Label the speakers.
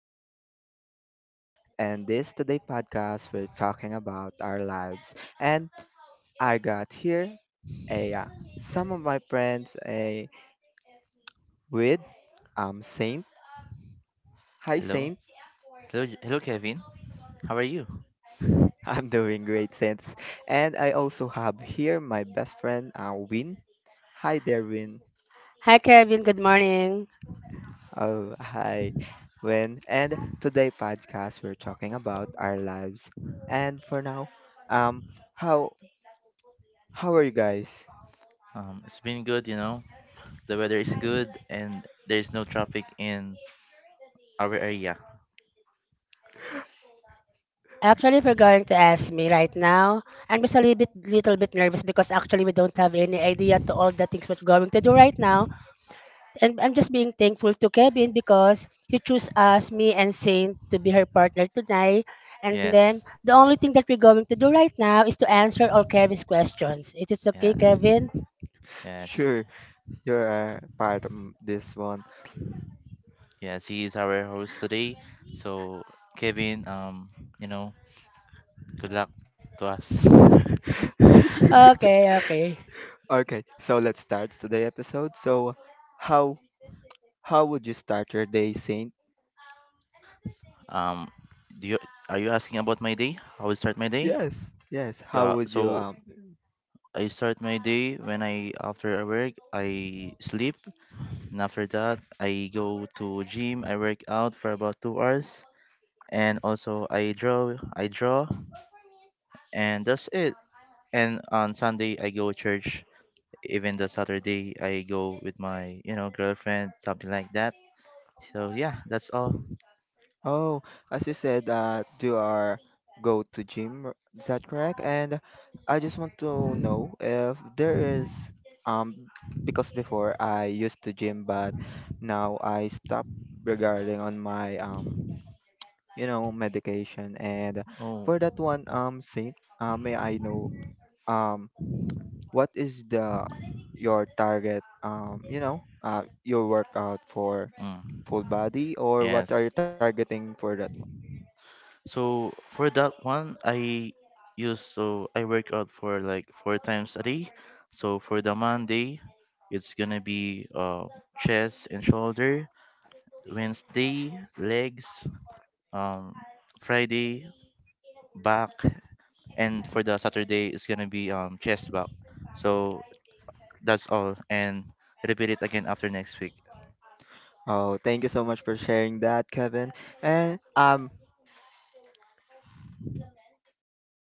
Speaker 1: is Kevin and this today podcast we're talking about our lives. And I got here a some of my friends a with Saint. Hi
Speaker 2: Hello,
Speaker 1: Saint.
Speaker 2: hello, hello, Kevin. How are you?
Speaker 1: I'm doing great Saint. And I also have here my best friend Win. Hi there Win.
Speaker 3: Hi, Kevin. Good morning.
Speaker 1: Oh hi Win. And today podcast we're talking about our lives. And for now, um how How are you guys?
Speaker 2: It's been good. The weather is good, and there is no traffic in our area.
Speaker 3: Actually, if you're going to ask me right now, I'm just a little bit nervous because actually we don't have any idea to all the things we're going to do right now. And I'm just being thankful to Kevin because he chose us, me, and Saint to be her partner tonight. And then
Speaker 2: Yes,
Speaker 3: the only thing that we're going to do right now is to answer all Kevin's questions. Is it okay,
Speaker 2: yeah,
Speaker 3: Kevin?
Speaker 2: yes,
Speaker 1: Sure, you're a part of this one.
Speaker 2: yes. He is our host today. So, Kevin, you know, good luck to us.
Speaker 3: Okay, okay.
Speaker 1: Okay, so let's start today episode. So, how how would you start your day, Saint?
Speaker 2: Um, do you Are you asking about my day? How I start my day?
Speaker 1: Yes, yes. How
Speaker 2: Yeah,
Speaker 1: would you
Speaker 2: so
Speaker 1: um.
Speaker 2: I start my day when I after I work, I sleep, and after that I go to gym, I work out for about 2 hours, and also I draw, and that's it. And on Sunday I go church. Even the Saturday I go with my girlfriend, something like that. So yeah, that's all.
Speaker 1: Oh, as you said that you are go to gym, is that correct? And I just want to know if there is um because before I used to gym but now I stopped regarding on my um medication and
Speaker 2: Oh.
Speaker 1: for that one Saint, may I know um what is the your target um your workout for
Speaker 2: Mm.
Speaker 1: full body or what
Speaker 2: Yes.
Speaker 1: are you targeting for that.
Speaker 2: So for that one, I use so I work out for like 4 times a day. So for the Monday, it's gonna be chest and shoulder. Wednesday, legs. Um, Friday, back, and for the Saturday, it's gonna be chest back. So that's all, and repeat it again after next week.
Speaker 1: Oh, thank you so much for sharing that, Kevin. And